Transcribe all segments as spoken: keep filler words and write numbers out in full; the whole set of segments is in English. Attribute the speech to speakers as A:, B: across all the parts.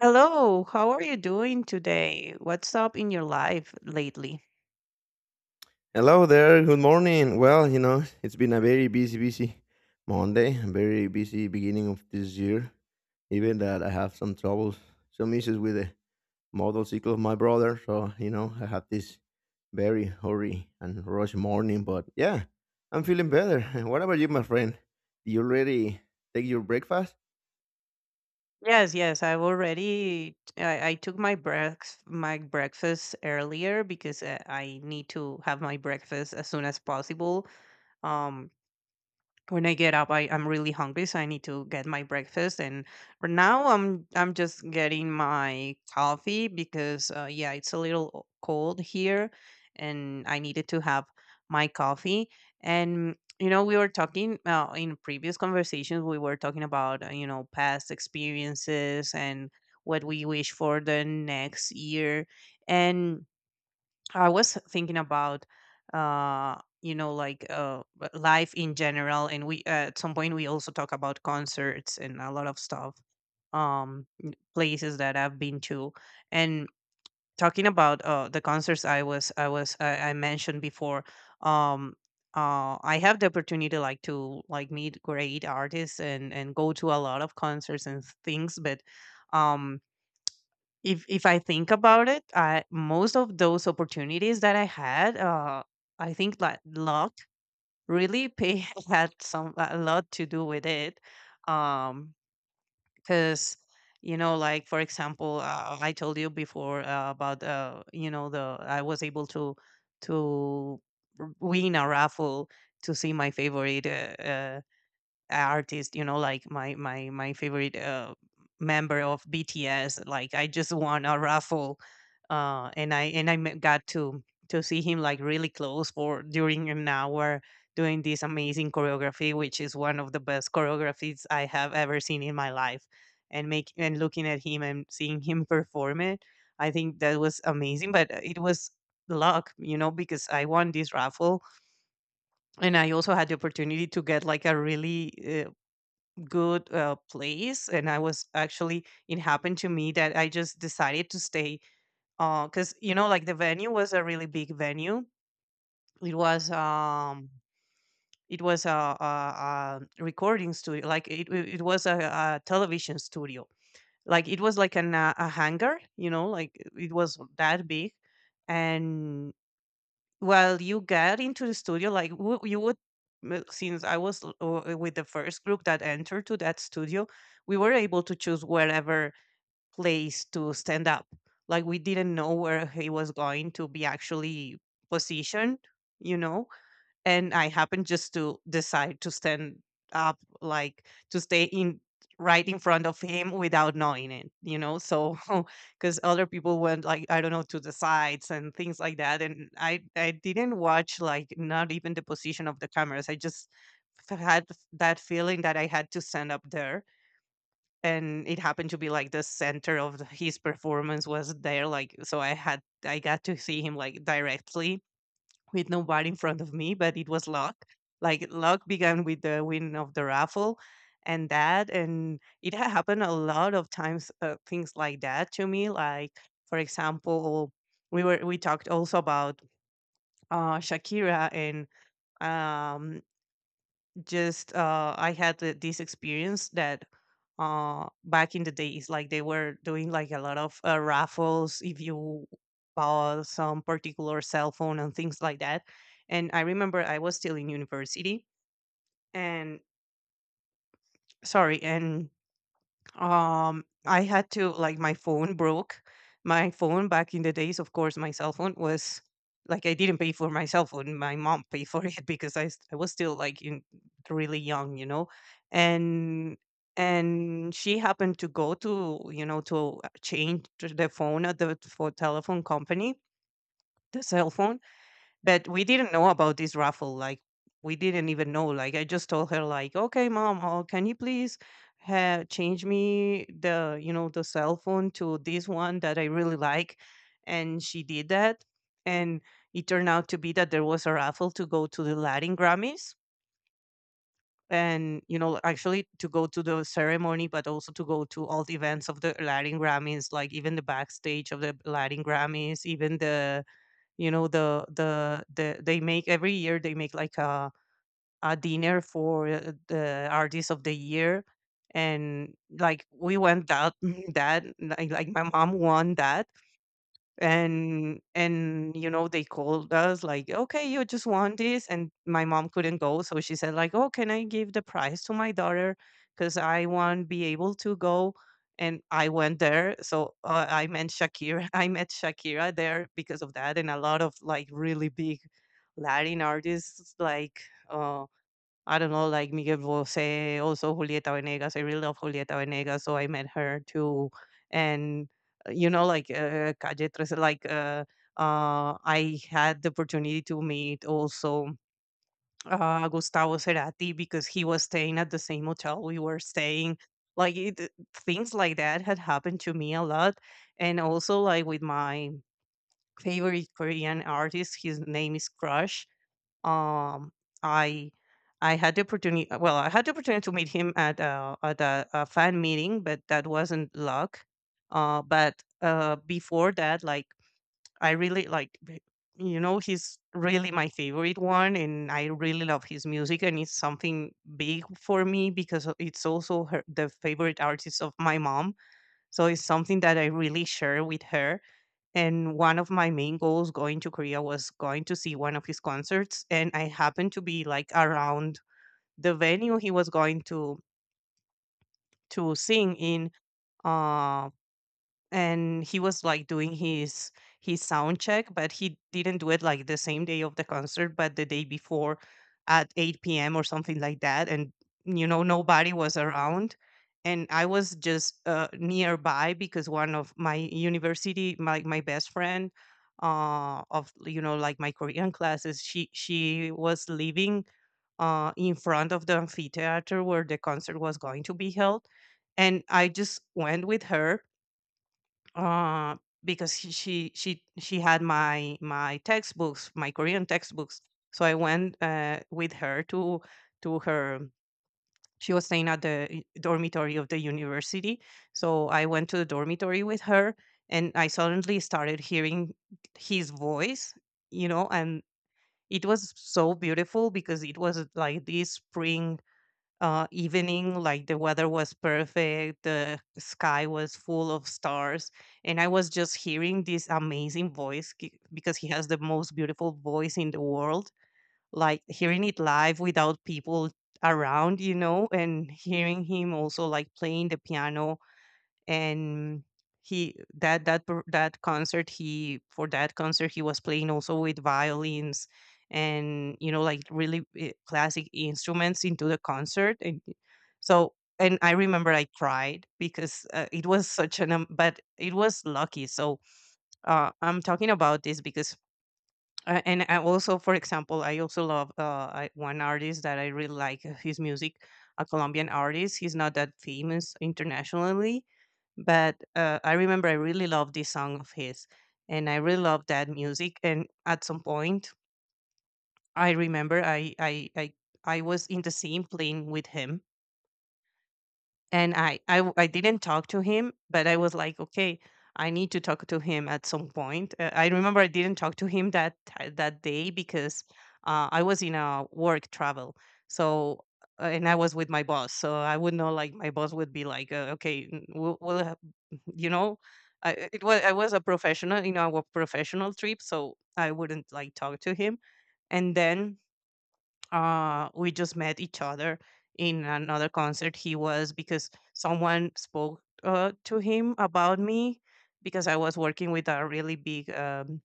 A: Hello, how are you doing today? What's up in your life lately?
B: Hello there. Good morning. Well, you know, it's been a very busy, busy Monday, a very busy beginning of this year. Even that I have some troubles, some issues with the model cycle of my brother. So, you know, I had this very hurry and rush morning. But yeah, I'm feeling better. What about you, my friend? Do you already take your breakfast?
A: Yes, yes, I've already I, I took my breakfast my breakfast earlier because uh, I need to have my breakfast as soon as possible. Um when I get up, I, I'm really hungry, so I need to get my breakfast. And for now, I'm I'm just getting my coffee because uh, yeah, it's a little cold here, and I needed to have my coffee. And you know, we were talking uh, in previous conversations. We were talking about uh, you know past experiences and what we wish for the next year, and I was thinking about, uh, you know, like uh, w- life in general, and we uh, at some point we also talk about concerts and a lot of stuff, um, n- places that I've been to, and talking about uh, the concerts I was I was I, I mentioned before. Um, uh, I have the opportunity like to like meet great artists and and go to a lot of concerts and things, but um if if I think about it, I, most of those opportunities that I had, uh, I think that luck really pay had some a lot to do with it, um, because you know, like for example, uh, I told you before uh, about uh, you know the I was able to to r- win a raffle to see my favorite uh, artist, you know, like my my my favorite uh, member of B T S. Like I just won a raffle, uh, and I and I m- got to to see him like really close for during an hour doing this amazing choreography, which is one of the best choreographies I have ever seen in my life. And make and looking at him and seeing him perform it, I think that was amazing. But uh, it was luck, you know, because I won this raffle and I also had the opportunity to get like a really uh, good uh, place, and I was actually, it happened to me that I just decided to stay because you know like the venue was a really big venue. It was um it was a, a, a recording studio. Like it, it it was a, a television studio, like it was like an, uh, a hangar, you know, like it was that big. And well, you get into the studio, like, w you would m since I was l w- with the first group that entered to that studio, we were able to choose wherever place to stand up. Like, we didn't know where he was going to be actually positioned, you know? And I happened just to decide to stand up, like to stay in right in front of him without knowing it, you know. So because other people went, like, I don't know, to the sides and things like that, and I I didn't watch like not even the position of the cameras. I just f- had that feeling that I had to stand up there. And it happened to be like the center of the- his performance was there, like so I had I got to see him like directly with nobody in front of me, but it was luck. Like luck began with the win of the raffle, and that, and it had happened a lot of times, uh, things like that to me, like for example we were we talked also about uh, Shakira. And um, just uh, I had the, this experience that uh, back in the days, like they were doing like a lot of uh, raffles if you bought some particular cell phone and things like that. And I remember I was still in university, and sorry, and um, I had to, like, my phone broke. My phone back in the days, of course, my cell phone was, like, I didn't pay for my cell phone. My mom paid for it because I s- I was still like in really young, you know, and and she happened to go to, you know, to uh, change to the phone at the for telephone company the cell phone, but we didn't know about this raffle. Like we didn't even know. Like I just told her, like, okay, mom, oh, can you please ha- change me the you know the cell phone to this one that I really like? And she did that, and it turned out to be that there was a raffle to go to the Latin Grammys, and you know actually to go to the ceremony, but also to go to all the events of the Latin Grammys, like even the backstage of the Latin Grammys, even the, you know, the the the they make every year, they make like a a dinner for uh, the artist of the year. And like we went that that, like, like my mom won that, and and you know they called us like, okay, you just want this, and my mom couldn't go, so she said, like, oh, can I give the prize to my daughter because I won't be able to go? And I went there, so uh, I met Shakira. I met Shakira there because of that, and a lot of like really big Latin artists, like uh, I don't know, like Miguel Bosé, also Julieta Venegas. I really love Julieta Venegas, so I met her too. And uh, you know, like uh, Calle thirteen, like uh, uh, I had the opportunity to meet also uh, Gustavo Cerati because he was staying at the same hotel we were staying. Like it, uh, Things like that had happened to me a lot, and also like with my favorite Korean artist, his name is Crush. um, I I had the opportunity. uh, Well, I had the opportunity to meet him at a at a, a fan meeting, but that wasn't luck. Uh, but uh, Before that, like I really like, b- you know, he's really my favorite one, and I really love his music, and it's something big for me because o- it's also her, the favorite artist of my mom. So it's something that I really share with her, and one of my main goals going to Korea was going to see one of his concerts. And I happened to be like around the venue he was going to to sing in, uh and he was like doing his his sound check, but he didn't do it like the same day of the concert, but the day before at eight p.m. or something like that. And you know nobody was around, and I was just uh, nearby because one of my university, my, my best friend uh, of, you know, like my Korean classes, she she was living uh, in front of the amphitheater where the concert was going to be held, and I just went with her, uh, because she, she she she had my my textbooks, my Korean textbooks. So I went uh, with her to to her. She was staying at the i- dormitory of the university, so I went to the dormitory with her, and I suddenly started hearing his voice, you know, and it was so beautiful because it was like this spring uh, evening. Like the weather was perfect, the sky was full of stars, and I was just hearing this amazing voice ki- because he has the most beautiful voice in the world. Like hearing it live without people around, you know, and hearing him also like playing the piano, and he that that per- that concert he for that concert he was playing also with violins and, you know, like really eh, classic instruments into the concert. And so, and I remember I cried because uh, it was such an um, but it was lucky. So uh, I'm talking about this because uh, and I also, for example, I also love uh, I, one artist that I really like uh, his music, a Colombian artist. He's not that famous internationally, but uh, I remember I really loved this song of his, and I really loved that music. And at some point, I remember I I I, I was in the same plane with him, and I, I, I I w- I didn't talk to him, but I was like, okay, I need to talk to him at some point. uh, I remember I didn't talk to him that ti- that day because uh, I was in a work travel. So uh, and I was with my boss, so I would know, like, my boss would be like, uh, okay, n- we'll, we'll have, you know. I, I- it was, I was a professional, you know, a professional trip, so I wouldn't like talk to him. And then uh, we just met each other in another concert he was, because someone spoke uh, to him about me, because I was working with a really big um,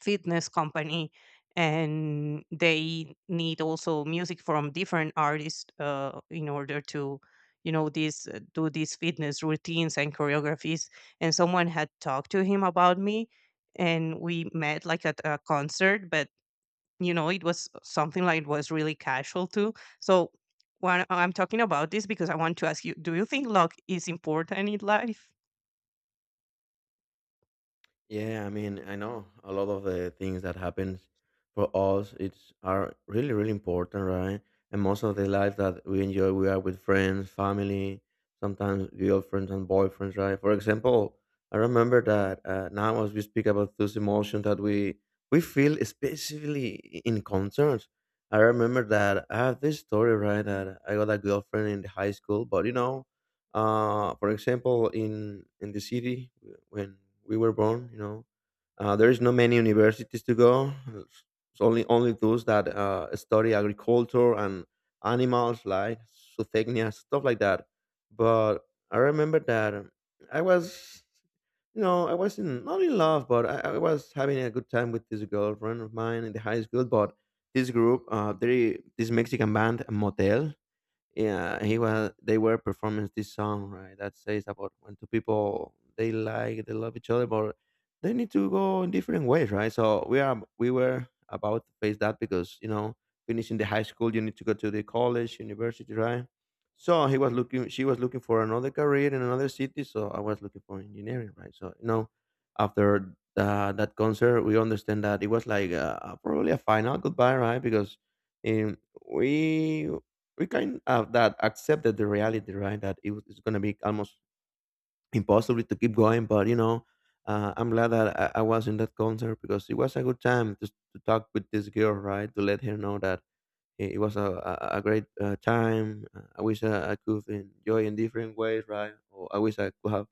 A: fitness company, and they need also music from different artists uh, in order to, you know, this uh, do these fitness routines and choreographies. And someone had talked to him about me, and we met like at a concert, but you know, it was something like, it was really casual too. So when I'm talking about this because I want to ask you, do you think luck is important in life?
B: Yeah, I mean, I know a lot of the things that happens for us it's are really, really important, right? And most of the life that we enjoy, we are with friends, family, sometimes girlfriends and boyfriends, right? For example, I remember that uh, now as we speak about those emotions that we we feel, especially i- in concerts. I remember that I have this story, right? That I got a girlfriend in high school, but you know, uh, for example, in in the city when we were born. You know, uh, there is no many universities to go. It's only only those that uh, study agriculture and animals like zootechnia, stuff like that. But I remember that um, I was, you know, I wasn't not in love, but I, I was having a good time with this girlfriend of mine in the high school. But this group, uh, they this Mexican band Motel, yeah, he was they were performing this song, right, that says about when two people, they like they love each other, but they need to go in different ways, right? So we are we were about to face that, because, you know, finishing the high school, you need to go to the college university, right? So he was looking she was looking for another career in another city, so I was looking for engineering, right? So you know, after uh, that concert, we understand that it was like uh, probably a final goodbye, right? Because um, we we kind of that accepted the reality, right? That it was it's going to be almost impossible to keep going. But you know, uh, I'm glad that I, I was in that concert, because it was a good time just to talk with this girl, right? To let her know that it, it was a, a, a great uh, time. Uh, I wish I, I could enjoy in different ways, right? Or I wish I could have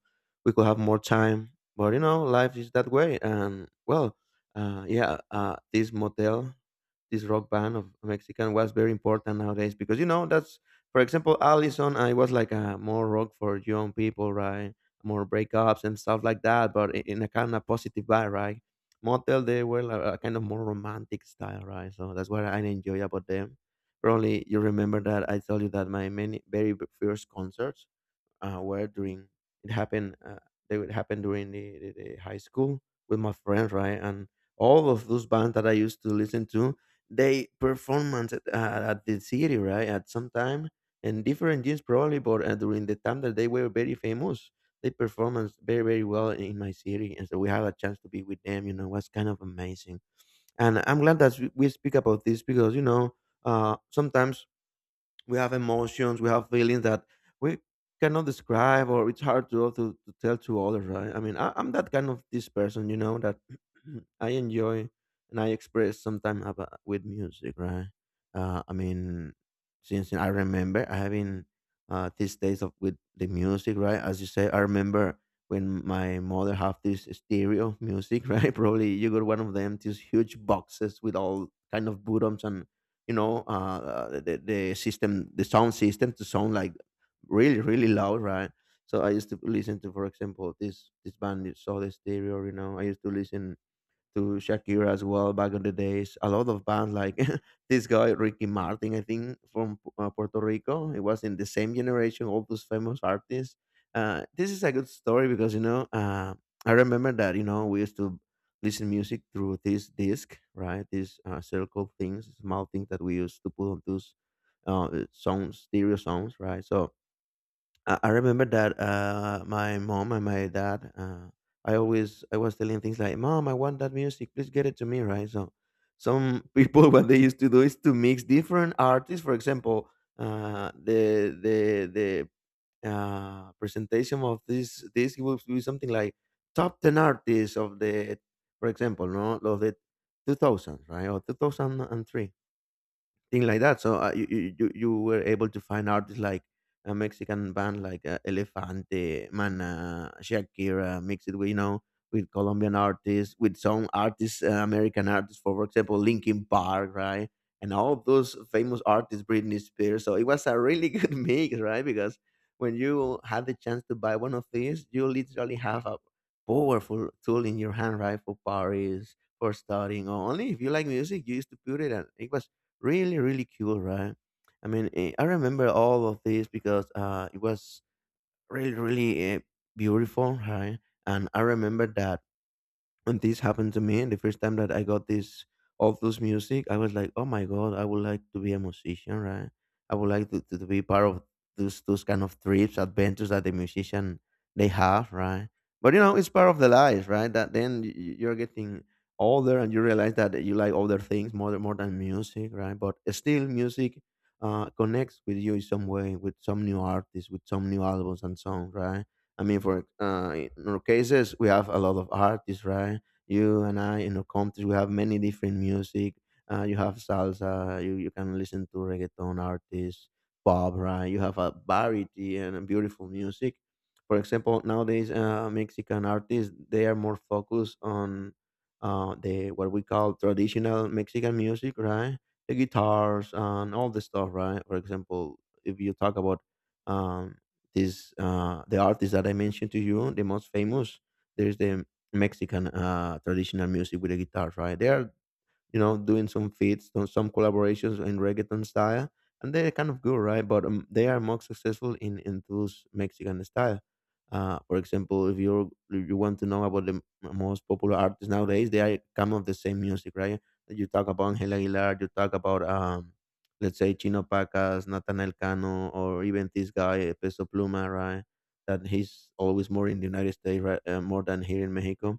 B: we could have more time. But you know, life is that way. And well, uh, yeah, uh, this Motel, this rock band of Mexican, was very important nowadays, because you know that's, for example, Allison. I was like a more rock for young people, right? More breakups and stuff like that, but i- in a kind of positive way, right? Motel, they were like a kind of more romantic style, right? So that's what I enjoy about them. Probably you remember that I told you that my many very b- first concerts uh, were during, it happened uh, they would happen during the, the, the high school with my friends, right? And all of those bands that I used to listen to, they performance at, uh, at the city, right? At some time and different years probably, but uh, during the time that they were very famous, they performance very very well in in my city, and so we had a chance to be with them. You know, was kind of amazing. And I'm glad that we we speak about this, because you know, uh, sometimes we have emotions, we have feelings that we cannot describe, or it's hard to to, to tell to others, right? I mean, I, I'm that kind of this person, you know, that I enjoy and I express sometimes about with music, right? uh, I mean, since I remember, I have been, uh, these days of with the music, right? As you say, I remember when my mother have this stereo music right, probably you got one of them, these huge boxes with all kind of buttons. And you know, uh, the the system the sound system, to sound like really really loud, right? So I used to listen to, for example, this this band, You Saw the Stereo. You know, I used to listen to Shakira as well back in the days. A lot of bands, like this guy Ricky Martin, I think, from uh, Puerto Rico. It was in the same generation, all those famous artists. Uh, this is a good story, because you know, uh, I remember that, you know, we used to listen music through this disc, right? These uh, circle things, small things that we used to put on those uh, sounds, stereo sounds, right? So I I remember that uh, my mom and my dad. Uh, I always I was telling things like, "Mom, I want that music. Please get it to me." Right. So some people what they used to do is to mix different artists. For example, uh, the the the uh, presentation of this this would be something like top ten artists of the, for example, no, of the two thousands, right, or two thousand and three, thing like that. So uh, you, you you you were able to find artists like a Mexican band, like uh, Elefante, Mana, Shakira, mixed with, you know, with Colombian artists, with some artists, uh, American artists, for example, Linkin Park, right? And all those famous artists, Britney Spears. So it was a really good mix, right? Because when you had the chance to buy one of these, you literally have a powerful tool in your hand, right? For parties, for studying, or only if you like music, you used to put it, and it was really, really cool, right? I mean, eh, I remember all of this, because uh, it was really, really uh, beautiful, right? And I remember that, and this happened to me. And the first time that I got this, of those music, I was like, oh my god, I would like to be a musician, right? I would like to, to, to be part of those those kind of trips, adventures, that the musician they have, right? But you know, it's part of the life, right, that then y- y- you're getting older, and you realize that you like other things more than- more than music, right? But still music uh, connects with you in some way, with some new artists, with some new albums and songs, right? I mean, for uh, in our cases, we have a lot of artists, right? You and I, in our country, we have many different music. Uh, you have salsa. You you can listen to reggaeton artists, pop, right? You have a variety and a beautiful music. For example, nowadays, uh, Mexican artists, they are more focused on uh, the what we call traditional Mexican music, right? The guitars and all the stuff, right? For example, if you talk about um, these uh, the artists that I mentioned to you, the most famous, there's the Mexican uh, traditional music, with the guitar, right? They are, you know, doing some feats, some some collaborations in reggaeton style, and they're kind of good, right? But um, they are more successful in in those Mexican style. Uh, for example, if you if you want to know about the m- most popular artists nowadays, they are kind of the same music, right? You talk about Angel Aguilar, you talk about, um, let's say, Chino Pacas, Nathaniel Cano, or even this guy eh, Peso Pluma, right? That he's always more in the United States, right? Uh, more than here in Mexico.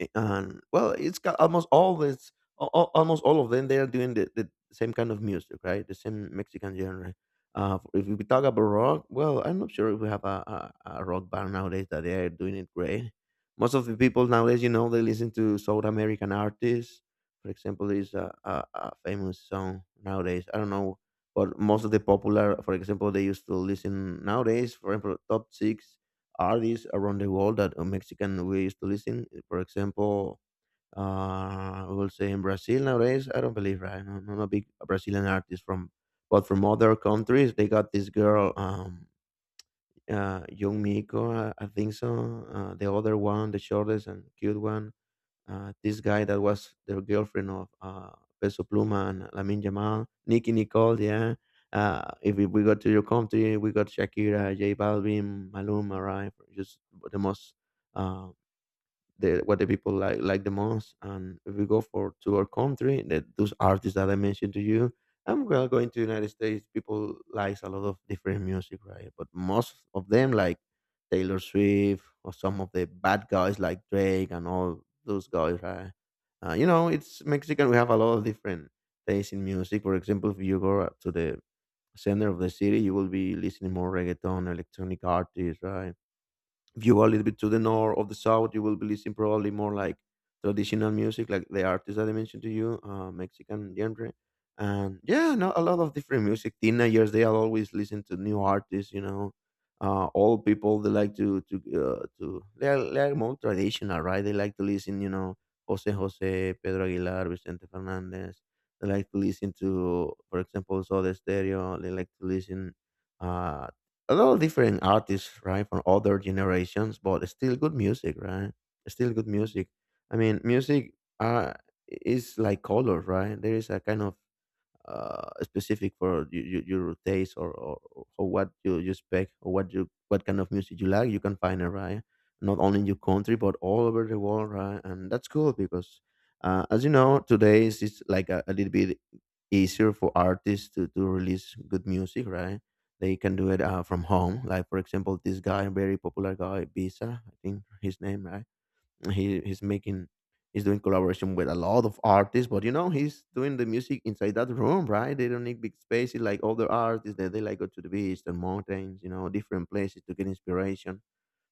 B: eh, and well, it's got almost all this, al- al- almost all of them, they are doing the, the same kind of music, right, the same Mexican genre. Uh if we talk about rock, well, I'm not sure if we have a, a, a rock band nowadays that they are doing it great. Most of the people nowadays, you know, they listen to South American artists. For example, there's a, a, a famous song nowadays, I don't know. But most of the popular, for example, they used to listen nowadays, for example, top six artists around the world that uh, Mexican we used to listen. eh, For example, uh, we will say in Brazil nowadays. I don't believe, right. I'm not a big Brazilian artist, from, but from other countries they got this girl, um, uh, Young Miko. I, I think so. Uh, the other one, the shortest and cute one. Uh, this guy that was the girlfriend of uh, Peso Pluma, and Lamin Jamal, Nicki Nicole, yeah. Uh, if we we go to your country, we got Shakira, J Balvin, Maluma, right? Just the most. uh, the what the people like like the most. And if we go for to our country, that those artists that I mentioned to you, I'm well going to United States. People likes a lot of different music, right? But most of them like Taylor Swift or some of the bad guys like Drake and all those guys, right? Uh, you know, it's Mexican. We have a lot of different tastes in music. For example, if you go to the center of the city, you will be listening more reggaeton, electronic artists, right? If you go a little bit to the north of the south, you will be listening probably more like traditional music, like the artists that I mentioned to you, uh, Mexican genre. And yeah, no, a lot of different music. Teenagers, they are always listen to new artists, you know. Uh, old people, they like to to uh, to they are, they are more traditional, right? They like to listen, you know, Jose Jose, Pedro Aguilar, Vicente Fernandez. They like to listen to, for example, Soda Stereo. They like to listen. Uh, a lot of different artists, right, from other generations, but still good music, right? Still good music. I mean, music uh, is like color, right? There is a kind of uh, specific for your, your, your taste, or, or, or what you, you expect, or what you what kind of music you like, you can find it, right, not only in your country, but all over the world, right? And that's cool because, uh, as you know, today is it's like a, a little bit easier for artists to, to release good music, right? They can do it, uh, from home. Like for example, this guy, very popular guy, Bisa, I think his name, right? He he's making, he's doing collaboration with a lot of artists, but you know, he's doing the music inside that room, right? They don't need big spaces like other artists that they like go to the beach and mountains, you know, different places to get inspiration.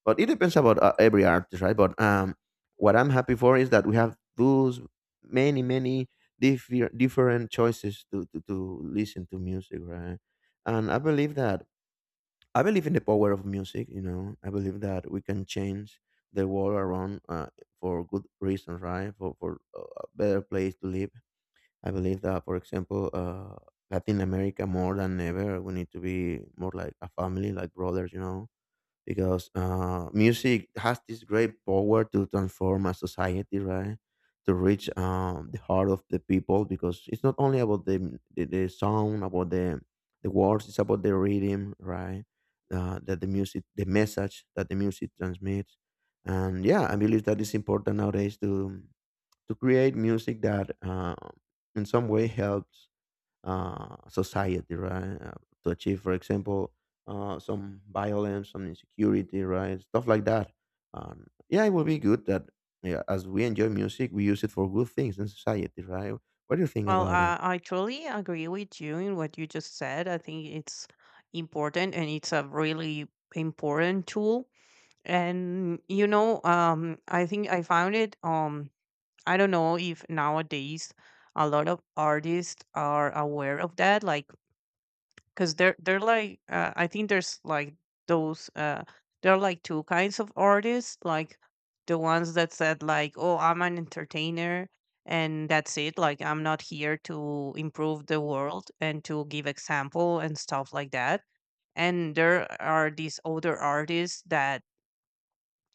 B: But it depends about uh, every artist, right? But um what I'm happy for is that we have those many many differ- different choices to, to to listen to music, right? and I believe that I believe in the power of music. You know, I believe that we can change the world around uh, for good reasons, right? For for uh, a better place to live. I believe that, for example, uh, Latin America more than ever, we need to be more like a family, like brothers. You know, because uh, music has this great power to transform a society, right? To reach um, the heart of the people, because it's not only about the the, the sound, about the the words, it's about the rhythm, right? Uh, that the music, the message that the music transmits, and yeah, I believe that is important nowadays to to create music that uh, in some way helps uh, society, right? Uh, to achieve, for example, uh, some violence, some insecurity, right? Stuff like that. Um, yeah, it will be good that yeah, as we enjoy music, we use it for good things in society, right? What do you think
A: Well,
B: about it?
A: uh, I totally agree with you in what you just said. I think it's important, and it's a really important tool. And you know, um I think I found it. um I don't know if nowadays a lot of artists are aware of that, like, because they're they're like, uh, I think there's like those uh there are like two kinds of artists. Like the ones that said like, oh, I'm an entertainer, and that's it, like, I'm not here to improve the world and to give example and stuff like that. And there are these older artists that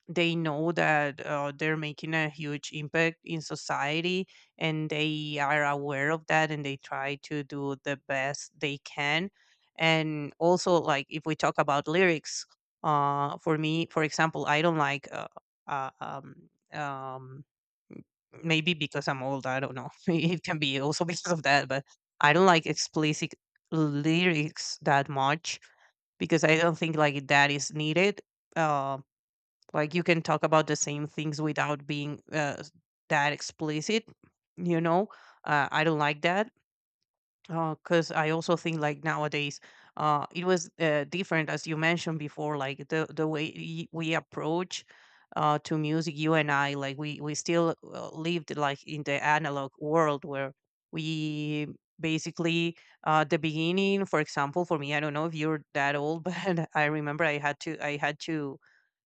A: they know that uh, they're making a huge impact in society, and they are aware of that, and they try to do the best they can. And also, like, if we talk about lyrics, uh for me, for example, I don't like, uh, uh um um maybe because I'm old, I don't know, it can be also because of that, but I don't like explicit lyrics that much, because I don't think like that is needed. Um. Like, you can talk about the same things without being uh, s- that explicit, you know? Uh, I don't like that, because I also think like nowadays uh, it was uh, different, as you mentioned before, like the the way y- we approach uh, to music, you and I. Like we we still uh, lived like in the analog world where we basically, uh the beginning, for example, for me, I don't know if you're that old, but I remember I had to, i had to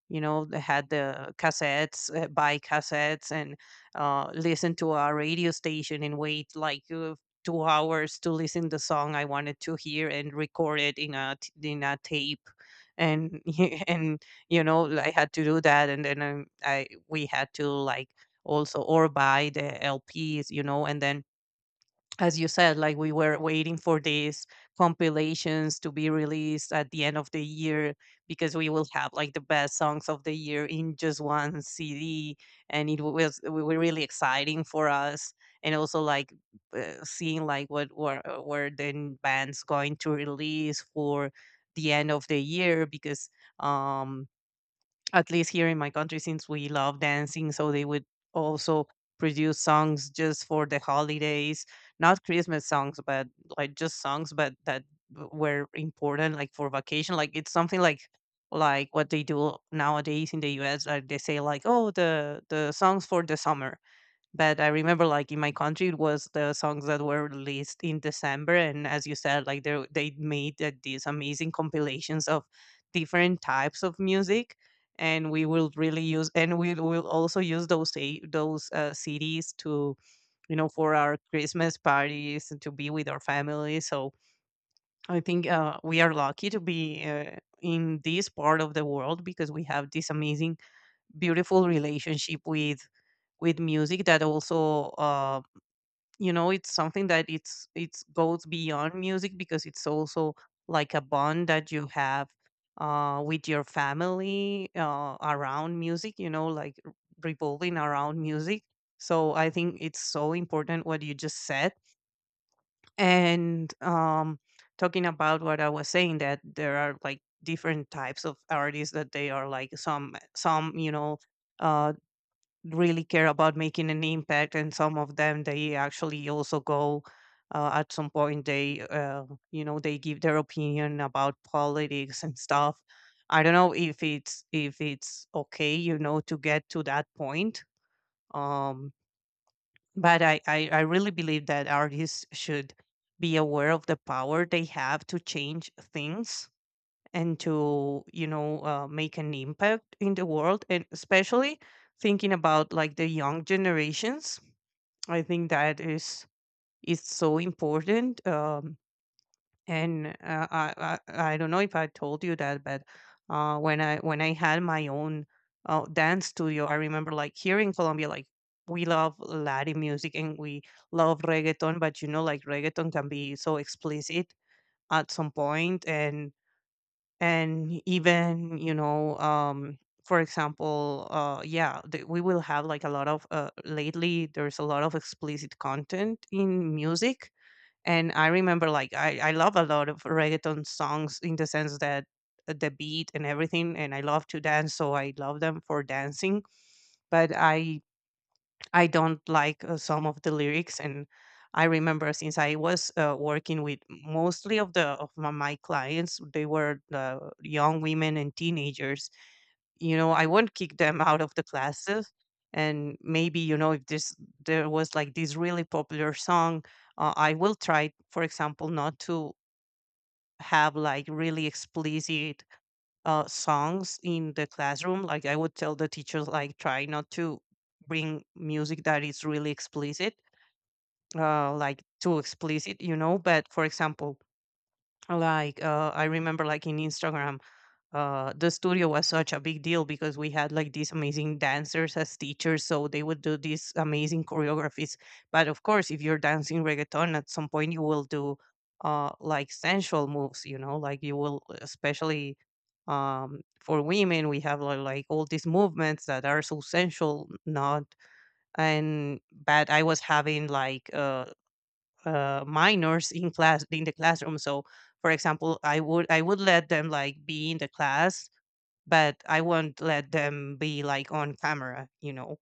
A: you know, they had the cassettes, uh, buy cassettes and uh, listen to a radio station and wait like uh, two hours to listen the song I wanted to hear and record it in a t- in a tape, and and you know, I had to do that. And then um, I we had to like also or buy the lps, you know. And then, as you said, like we were waiting for these compilations to be released at the end of the year, because we will have like the best songs of the year in just one C D, and it was, it were really exciting for us. And also like uh, seeing like what were uh, were the bands going to release for the end of the year, because um at least here in my country, since we love dancing, so they would also produce songs just for the holidays. Not Christmas songs, but like just songs, but that w- were important, like for vacation. Like, it's something like like what they do nowadays in the U S. Like they say, like, oh, the the songs for the summer. But I remember, like in my country, it was the songs that were released in December. And as you said, like they they made uh, these amazing compilations of different types of music, and we will really use, and we will also use those a- those uh, C Ds to, you know, for our Christmas parties and to be with our family. So I think uh, we are lucky to be uh, in this part of the world, because we have this amazing, beautiful relationship with with music that also. Um, you know, it's something that it's it's goes beyond music, because it's also like a bond that you have uh with your family uh around music, you know, like r- revolving around music. So I think it's so important what you just said. And um talking about what I was saying, that there are like different types of artists, that they are like some some you know, uh really care about making an impact. And some of them they actually also go, uh, at some point they, uh, you know, they give their opinion about politics and stuff. I don't know if it's if it's okay, you know, to get to that point. um but i i, I really believe that artists should be aware of the power they have to change things and to, you know, uh, make an impact in the world, and especially thinking about like the young generations. I think that is is so important. Um and uh, I, I I don't know if I told you that, but uh when I, when i had my own uh, dance studio, I remember, like here in Colombia, like we love Latin music, and we love reggaeton. But you know, like reggaeton can be so explicit at some point. and and even, you know, um for example, uh yeah, th- we will have like a lot of, uh lately, there's a lot of explicit content in music. And I remember like i i love a lot of reggaeton songs, in the sense that uh, the beat and everything, and I love to dance, so I love them for dancing. But i I don't like uh, some of the lyrics. And I remember, since I was uh, working with mostly of the of my, my clients, they were the young women and teenagers. You know, I won't kick them out of the classes. And maybe, you know, if this, there was like this really popular song, uh, I will try, for example, not to have like really explicit uh, songs in the classroom. Like I would tell the teachers, like, try not to bring music that is really explicit, uh, like too explicit, you know. But for example, like uh, I remember, like in Instagram, uh the studio was such a big deal, because we had like these amazing dancers as teachers, so they would do these amazing choreographies. But of course, if you're dancing reggaeton, at some point you will do uh like sensual moves, you know, like you will, especially um for women, we have like, like all these movements that are so sensual, not. And but I was having like uh uh minors in class, in the classroom. So for example, I would, i would let them like be in the class, but I won't let them be like on camera, you know.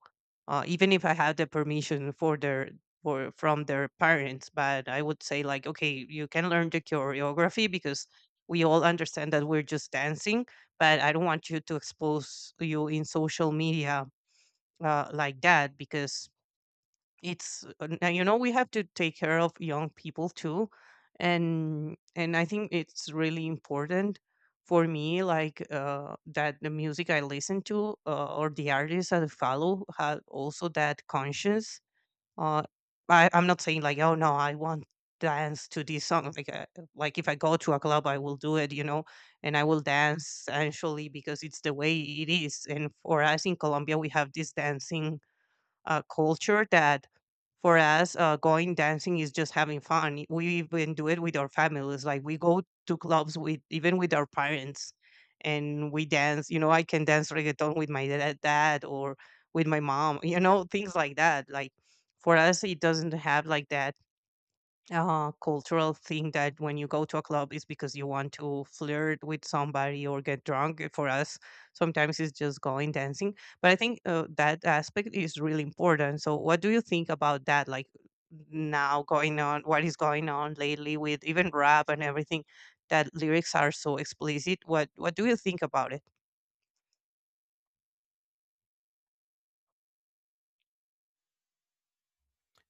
A: Uh, even if I have the permission for their, for from their parents. But I would say like, okay, you can learn the choreography, because we all understand that we're just dancing, but I don't want you to expose you in social media, uh, like that, because it's, uh, now you know, we have to take care of young people too. and and I think it's really important for me, like, uh, that the music I listen to, uh, or the artists that I follow, have also that conscience. uh, I, i'm not saying like, oh, no, I want dance to this song, like uh, like if I go to a club, I will do it, you know. And I will dance actually, because it's the way it is. And for us in Colombia, we have this dancing uh, culture, that for us, uh, going dancing is just having fun. We even do it with our families. Like we go to clubs with even with our parents, and we dance. You know, I can dance reggaeton with my da- dad or with my mom. You know, things like that. Like for us, it doesn't have like that uh, cultural thing that when you go to a club is because you want to flirt with somebody or get drunk. For us, sometimes it's just going dancing. But I think uh, that aspect is really important. So, what do you think about that? Like, now, going on, what is going on lately with even rap and everything? That lyrics are so explicit. What what do you think about it?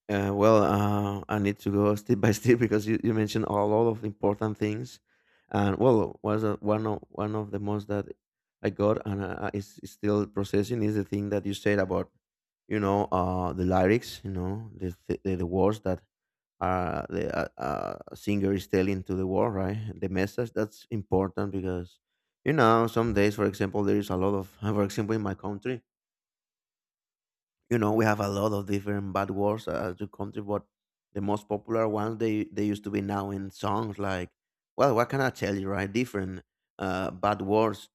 B: Uh, well, uh, I need to go step by step because you, you mentioned a lot of important things, and well, was uh, one of one of the most that I got, and uh, uh, is is still processing is the thing that you said about, you know, uh, the lyrics, you know, the the, the words that uh, the uh, uh, singer is telling to the world, right? The message that's important, because you know some days, for example, there is a lot of, for example, in my country, you know we have a lot of different bad words, uh, as you country, but the most popular ones they they used to be now in songs like, well, what can I tell you, right? Different uh bad words,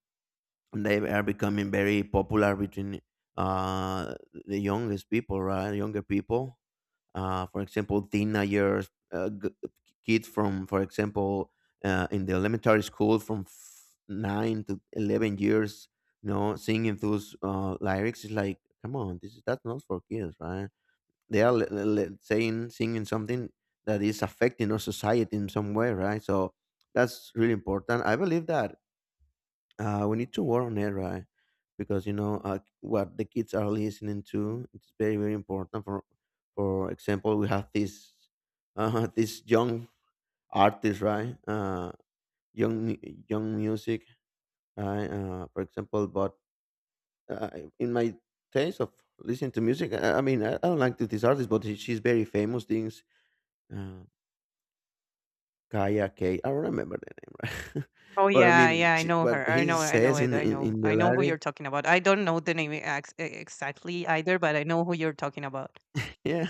B: and they are becoming very popular between uh the youngest people, right? Younger people. Uh, for example, teenagers, uh, g- kids from, for example, uh, in the elementary school from f- nine to eleven years, you know, singing those uh, lyrics is like, come on, this is that's not for kids, right? They are le- le- le- saying singing something that is affecting our society in some way, right? So that's really important. I believe that uh, we need to work on it, right? Because you know uh, what the kids are listening to. It's very very important. For for example, we have this uh, this young artist, right? Uh, young mu- young music, right? Uh, for example, but uh, in my taste of listening to music, I, I mean, I, I don't like to this artist, but she, she's very famous. Things. Uh, Kaya K. I don't remember the name, right?
A: Oh
B: But I
A: yeah,
B: mean,
A: yeah, I
B: she,
A: know
B: what
A: her. I
B: he
A: know, I know
B: says
A: it.
B: in,
A: I
B: in,
A: know,
B: in the
A: I know who you're
B: lyrics,
A: talking about. I don't know the name ex- e, exactly either, but I know who you're talking about.
B: yeah.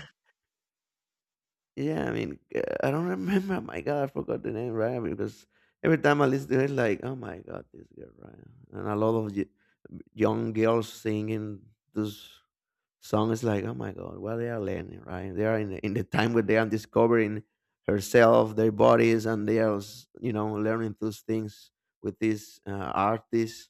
B: Yeah, I mean, uh, I don't remember. Oh my God, I forgot the name, right? Because every time I listen to it, like, oh my God, this girl, right? And a lot of y- young girls singing this song is like, oh my god, what they are learning, right? They are in the, in the time where they are discovering herself, their bodies, and they are, s- you know, learning those things with these uh, artists,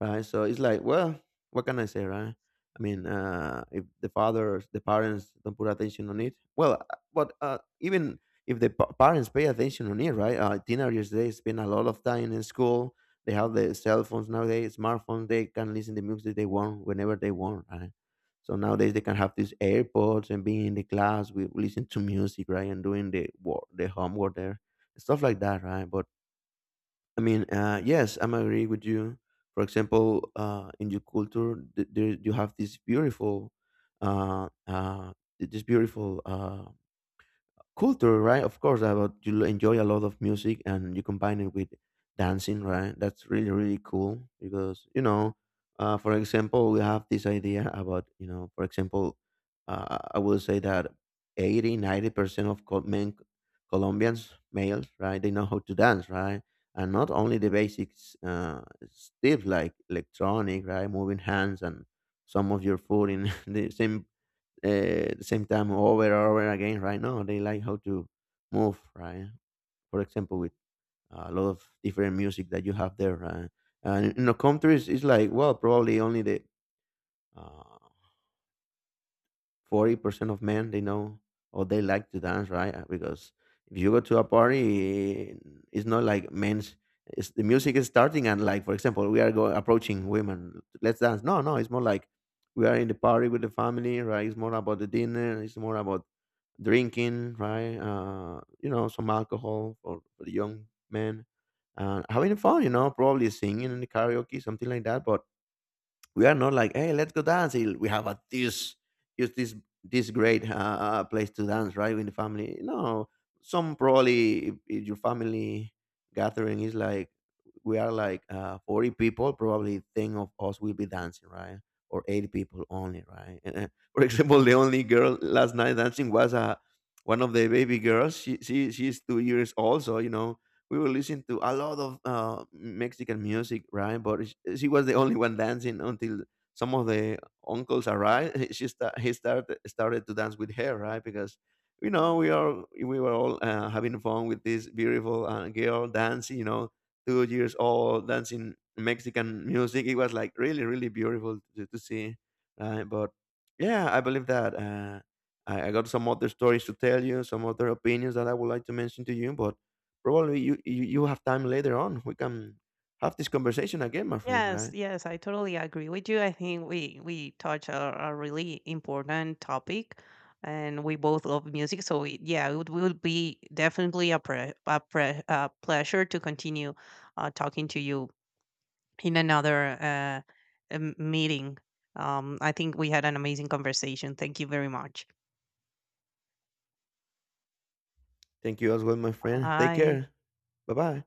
B: right? So it's like, well, what can I say, right? I mean, uh, if the fathers, the parents don't put attention on it, well, uh, but uh, even if the pa- parents pay attention on it, right? Uh, teenagers they spend a lot of time in school. They have the cell phones nowadays, smartphones. They can listen to music they want whenever they want, right? So nowadays they can have these AirPods and being in the class with listening to music, right, and doing the work, the homework there, stuff like that, right? But I mean, uh, yes, I'm agree with you. For example, uh, in your culture, th- there you have this beautiful, uh, uh, th- this beautiful. Uh, culture, right? Of course, about you enjoy a lot of music and you combine it with dancing, right? That's really really cool because you know, uh, for example, we have this idea about you know, for example, uh, I will say that eighty, ninety percent of Col- men Colombians males, right? They know how to dance, right? And not only the basics uh, stuff like electronic, right, moving hands and some of your foot in the same uh, the same time over and over again, right? No, they like how to move, right? For example, with a lot of different music that you have there, right? And in the countries, it's like, well, probably only the uh, forty percent of men they know or they like to dance, right? Uh, because if you go to a party, it's not like men's it's, the music is starting and like, for example, we are going approaching women, let's dance, no no, it's more like we are in the party with the family, right? It's more about the dinner, it's more about drinking, right? Uh you know, some alcohol for, for the young men, uh, having fun, you know, probably singing in the karaoke, something like that, but we are not like, hey, let's go dance. Il- we have a this just this this great uh, uh, place to dance, right? In the family, no, some probably if, if your family gathering is like we are like uh, forty people, probably ten of us will be dancing, right? Or eight people only, right? And, uh, for example, the only girl last night dancing was uh, one of the baby girls, she, she she's two years old, so you know we were listening to a lot of uh, Mexican music, right? But sh- she was the only one dancing until some of the uncles arrived. She sta- he started started to dance with her, right? Because you know we are we were all uh, having fun with this beautiful uh, girl dancing. You know, two years old dancing Mexican music. It was like really really beautiful to, to see, right? But yeah, I believe that. Uh, I, I got some other stories to tell you, some other opinions that I would like to mention to you, but probably you, you you have time later on. We can have this conversation again, my friend.
A: Yes,
B: Right?
A: yes, I totally agree with you. I think we we touch a, a really important topic, and we both love music. So it, yeah, it would, would be definitely a pre, a, pre, a pleasure to continue uh, talking to you in another uh, um, meeting. Um, I think we had an amazing conversation. Thank you very much.
B: Thank you as well, my friend. Take
A: Bye.
B: care. Bye bye.